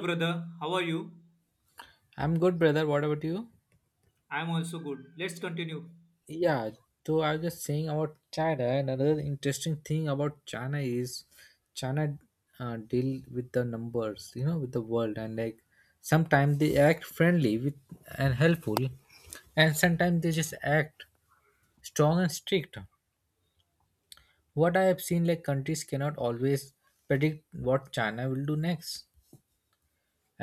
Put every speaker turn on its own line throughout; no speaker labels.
Brother. How are you?
I'm good, brother. What about you?
I'm also good. Let's continue.
Yeah, so I was just saying about China. And another interesting thing about China is China deal with the numbers, with the world, and like sometimes they act friendly with and helpful, and sometimes they just act strong and strict. What I have seen, like countries cannot always predict what China will do next.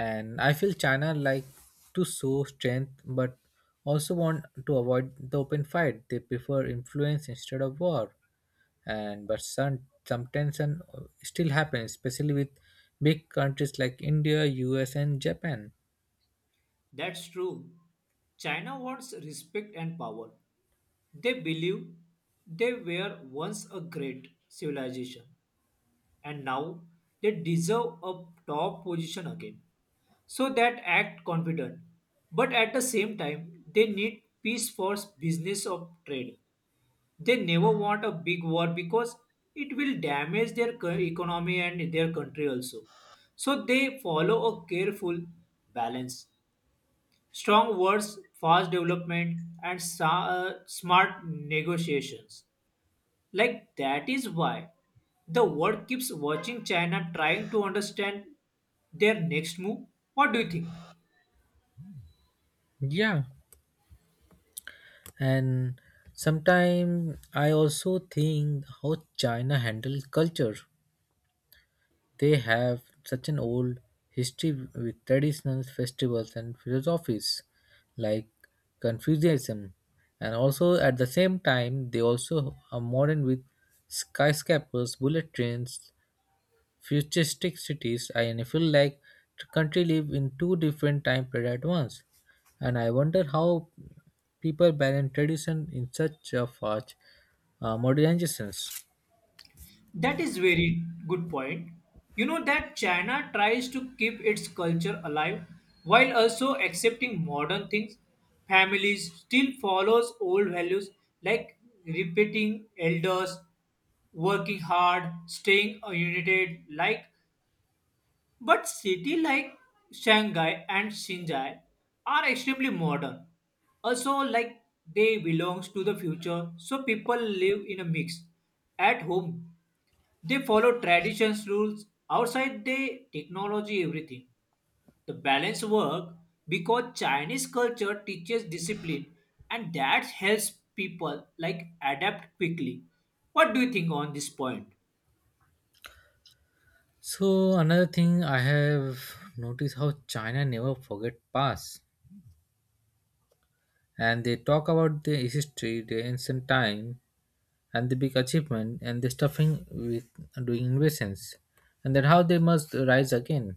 And I feel China like to show strength, but also want to avoid the open fight. They prefer influence instead of war. And but some, some tension still happens, especially with big countries like India, US, and Japan.
That's true. China wants respect and power. They believe they were once a great civilization and now they deserve a top position again. So that act confident. But at the same time, they need peace for business of trade. They never want a big war because it will damage their economy and their country also. So they follow a careful balance, strong words, fast development, and smart negotiations. Like, that is why the world keeps watching china, trying to understand their next move. What do you think?
Yeah, and sometimes I also think how China handles culture. They have such an old history with traditional festivals and philosophies like Confucianism, and also at the same time, they also are modern with skyscrapers, bullet trains, futuristic cities. And I feel like the country live in two different time period at once, and I wonder how people balance tradition in such a fast modernizations.
That is very good point. You know that China tries to keep its culture alive while also accepting modern things. Families still follows old values, like repeating elders, working hard, staying united, like, but cities like Shanghai and Xinjiang are extremely modern. Also, like, they belongs to the future, so people live in a mix. At home they follow traditions rules, outside the technology everything. The balance work because Chinese culture teaches discipline, and that helps people like adapt quickly. What do you think on this point?
So another thing I have noticed how China never forget past, and they talk about their history, their ancient time, and the big achievement, and the stuffing with doing invasions, and then how they must rise again.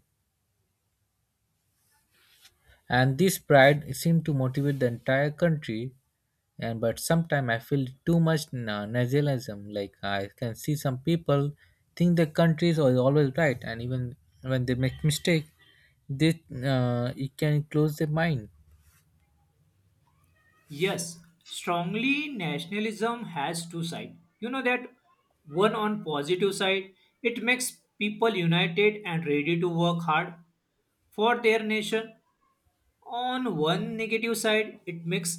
And this pride seemed to motivate the entire country. And but sometimes I feel too much nationalism. Like I can see some people think the country is always right, and even when they make mistake, they it can close their mind.
Yes, strongly nationalism has two sides. You know that, one on positive side, it makes people united and ready to work hard for their nation. On one negative side, it makes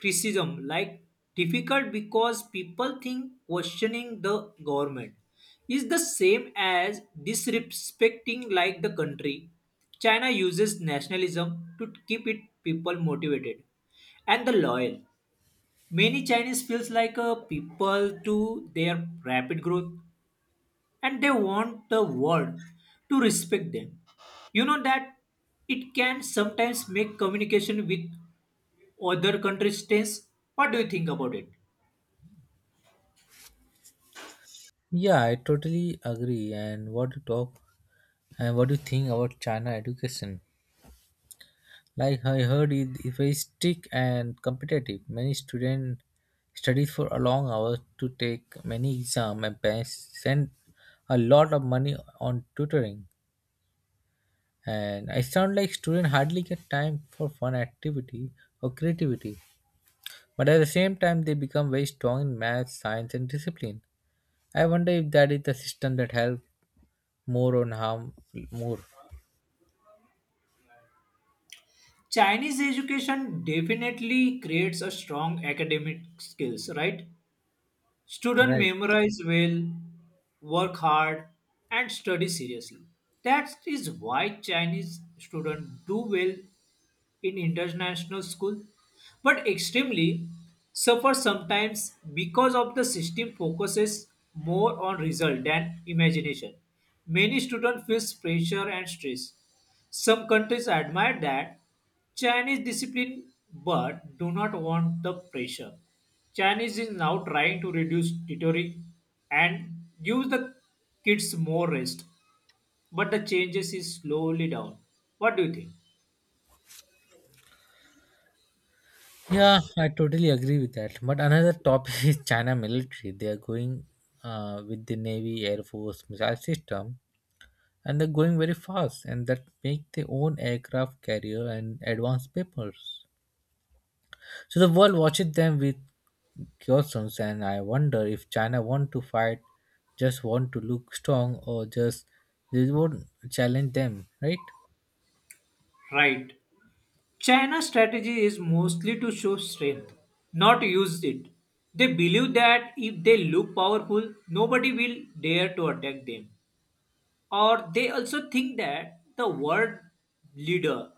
criticism like difficult because people think questioning the government is the same as disrespecting like the country. China uses nationalism to keep its people motivated and the loyal. Many Chinese feels like a people to their rapid growth, and they want the world to respect them. You know that it can sometimes make communication with other countries test. What do you think about it?
Yeah, I totally agree. And what to talk? And what do you think about China education? Like I heard, it is very strict and competitive. Many students study for a long hours to take many exams, and parents spend a lot of money on tutoring. And I sound like students hardly get time for fun activity or creativity. But at the same time, they become very strong in math, science, and discipline. I wonder if that is the system that helps more or harm more.
Chinese education definitely creates a strong academic skills, right? Students
Right.
memorize well, work hard, and study seriously. That is why Chinese students do well in international school, but extremely suffer sometimes because of the system focuses more on result than imagination. Many students feels pressure and stress. Some countries admire that Chinese discipline but do not want the pressure. Chinese is now trying to reduce tutoring and give the kids more rest, but the changes is slowly down. What do you think?
Yeah, I totally agree with that. But another topic is China military. They are going with the Navy, Air Force, missile system, and they're going very fast, and that make their own aircraft carrier and advanced papers. So the world watches them with questions, and I wonder if China want to fight, just want to look strong, or just they won't challenge them, right?
Right. China's strategy is mostly to show strength, not use it. They believe that if they look powerful, nobody will dare to attack them. Or they also think that the world leader,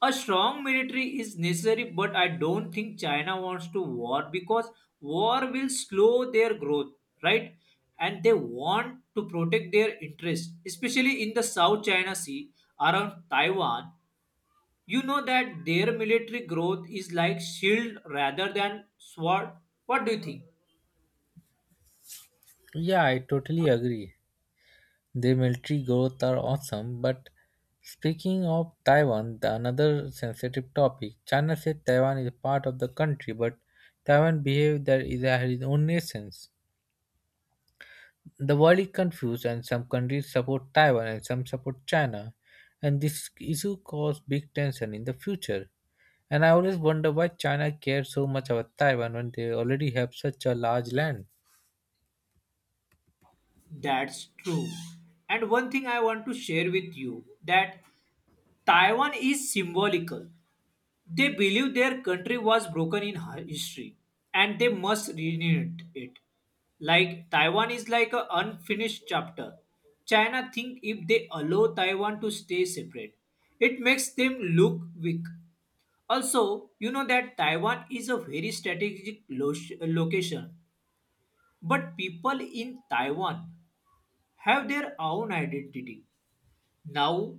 a strong military is necessary, but I don't think China wants to war because war will slow their growth, right? And they want to protect their interests, especially in the South China Sea around Taiwan. You know that their military growth is like shield rather than sword. What do you think?
Yeah, I totally agree. Their military growth are awesome, but speaking of Taiwan, the another sensitive topic, China says Taiwan is part of the country, but Taiwan behaves that it has its own nations. The world is confused, and some countries support Taiwan and some support China, and this issue cause big tension in the future. And I always wonder why China cares so much about Taiwan when they already have such a large land.
That's true. And one thing I want to share with you that Taiwan is symbolical. They believe their country was broken in history and they must renew it. Like, Taiwan is like an unfinished chapter. China think if they allow Taiwan to stay separate, it makes them look weak. Also, you know that Taiwan is a very strategic location, but people in Taiwan have their own identity. Now,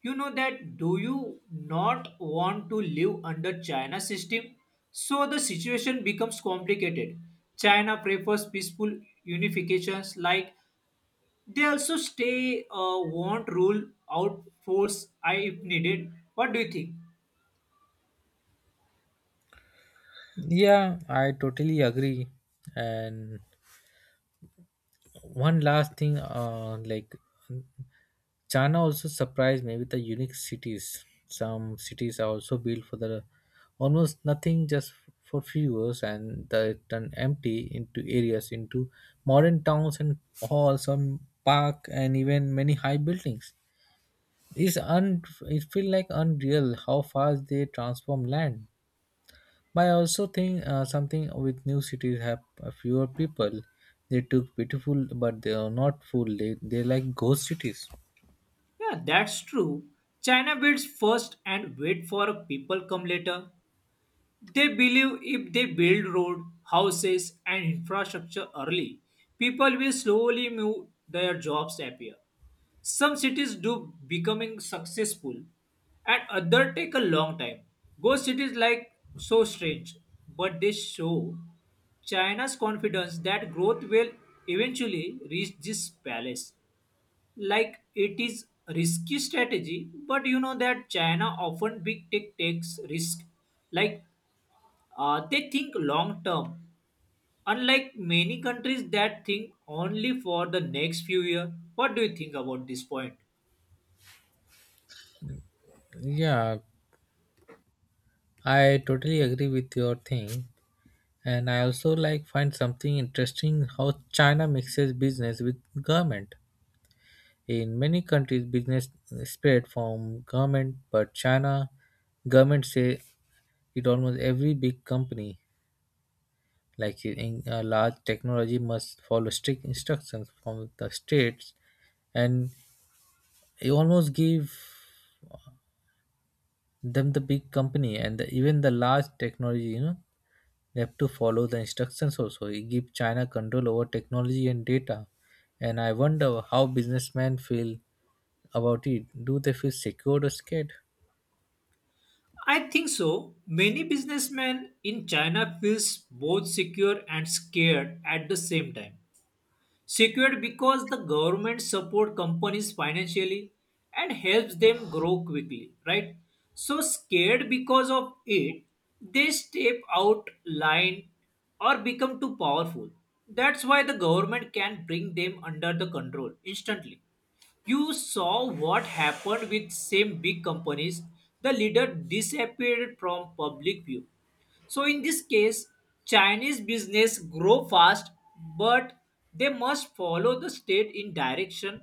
you know that, do you not want to live under China system? So the situation becomes complicated. China prefers peaceful unifications, like they also stay want rule out force I if needed. What do you think?
Yeah, I totally agree. And one last thing, like China also surprised me with the unique cities. Some cities are also built for the almost nothing, just for viewers, and they turn empty into areas into modern towns and halls and park and even many high buildings. It feel like unreal how fast they transform land, but I also think something with new cities have fewer people. They took beautiful, but they are not full. They like ghost cities.
Yeah, that's true. China builds first and wait for people come later. They believe if they build road, houses and infrastructure early, people will slowly move their jobs appear. Some cities do becoming successful and other take a long time. Ghost cities like so strange, but they show China's confidence that growth will eventually reach this palace. Like, it is risky strategy, but you know that china often big tech takes risk. Like, they think long term, unlike many countries that think only for the next few year. What do you think about this point?
Yeah, I totally agree with your thing, and I also like find something interesting how China mixes business with government. In many countries, business spread from government, but China government say it almost every big company. Like in a large technology must follow strict instructions from the states, and you almost give them the big company and even the large technology. You know, they have to follow the instructions also. You give China control over technology and data, and I wonder how businessmen feel about it. Do they feel secured or scared?
I think so many businessmen in china feels both secure and scared at the same time. Secured because the government support companies financially and helps them grow quickly, right? So scared because of it they step out line or become too powerful. That's why the government can bring them under the control instantly. You saw what happened with same big companies, the leader disappeared from public view. So in this case, Chinese business grow fast, but they must follow the state in direction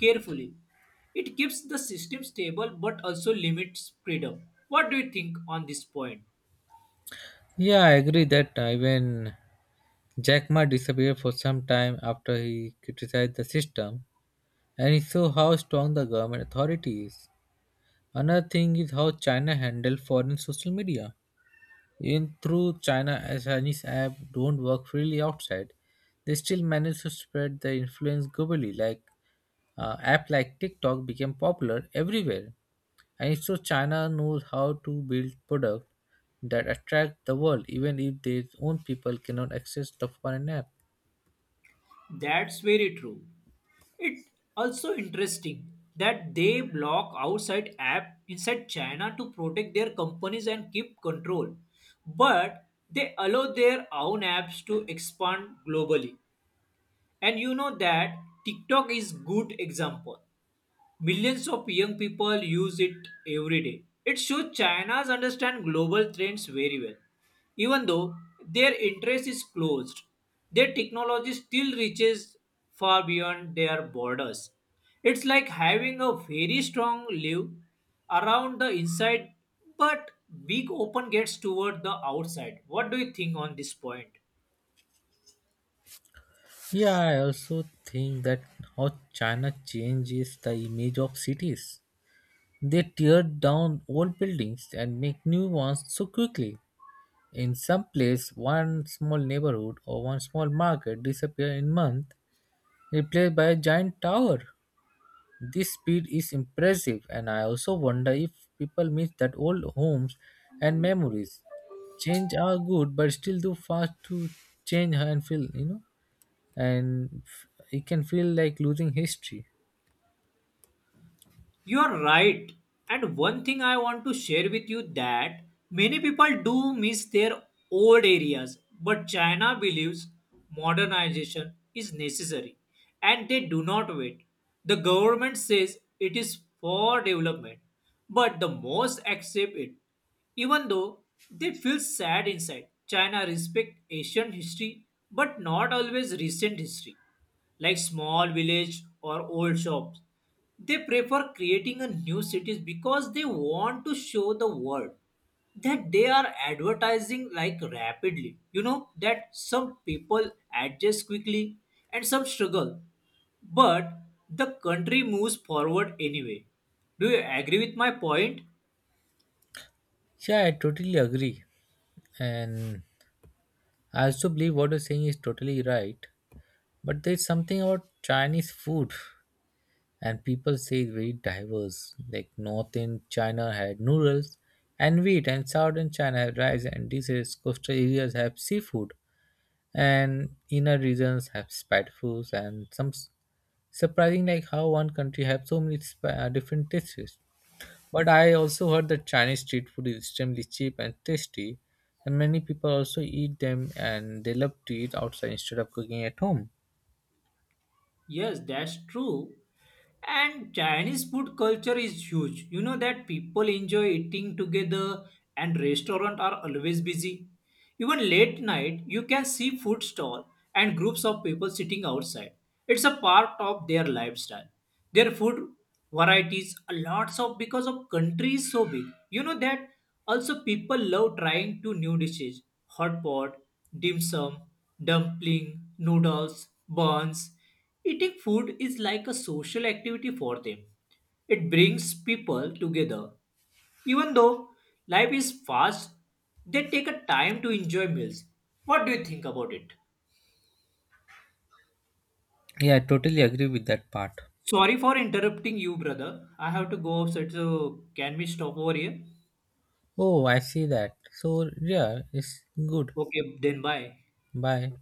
carefully. It keeps the system stable but also limits freedom. What do you think on this point?
Yeah, I agree that even Jack Ma disappeared for some time after he criticized the system, and it shows how strong the government authority is. Another thing is how China handles foreign social media. Even through China, as Chinese app don't work freely outside, they still manage to spread their influence globally. Like app like TikTok became popular everywhere, and it shows China knows how to build product that attract the world, even if their own people cannot access the foreign app.
That's very true. It's also interesting that they block outside app inside China to protect their companies and keep control. But they allow their own apps to expand globally. And you know that TikTok is good example. Millions of young people use it every day. It shows China's understand global trends very well. Even though their interest is closed, their technology still reaches far beyond their borders. It's like having a very strong live around the inside, but big open gates toward the outside. What do you think on this point?
Yeah, I also think that how China changes the image of cities. They tear down old buildings and make new ones so quickly. In some place, one small neighborhood or one small market disappear in month, replaced by a giant tower. This speed is impressive, and I also wonder if people miss that old homes and memories. Change are good, but still too fast to change and feel, and it can feel like losing history.
You are right. And one thing I want to share with you that many people do miss their old areas, but China believes modernization is necessary and they do not wait. The government says it is for development, but the most accept it. Even though they feel sad inside, China respect ancient history but not always recent history like small village or old shops. They prefer creating a new cities because they want to show the world that they are advertising like rapidly. You know that some people adjust quickly and some struggle, but the country moves forward anyway. Do you agree with my point?
Yeah, I totally agree. And I also believe what you're saying is totally right, but there's something about Chinese food, and people say it's very diverse. Like North in China had noodles and wheat, and Southern China had rice and dishes. Coastal areas have seafood, and inner regions have spice foods. And surprising, like how one country have so many different tastes. But I also heard that Chinese street food is extremely cheap and tasty, and many people also eat them and they love to eat outside instead of cooking at home.
Yes, that's true. And Chinese food culture is huge. You know that people enjoy eating together and restaurants are always busy. Even late night, you can see food stall and groups of people sitting outside. It's a part of their lifestyle. Their food varieties are lots of because of country is so big. You know that also people love trying two new dishes, hot pot, dim sum, dumpling, noodles, buns. Eating food is like a social activity for them. It brings people together. Even though life is fast, they take a time to enjoy meals. What do you think about it?
Yeah, I totally agree with that part.
Sorry for interrupting you, brother. I have to go outside, so can we stop over here?
Oh, I see that. So, yeah, it's good.
Okay, then bye.
Bye.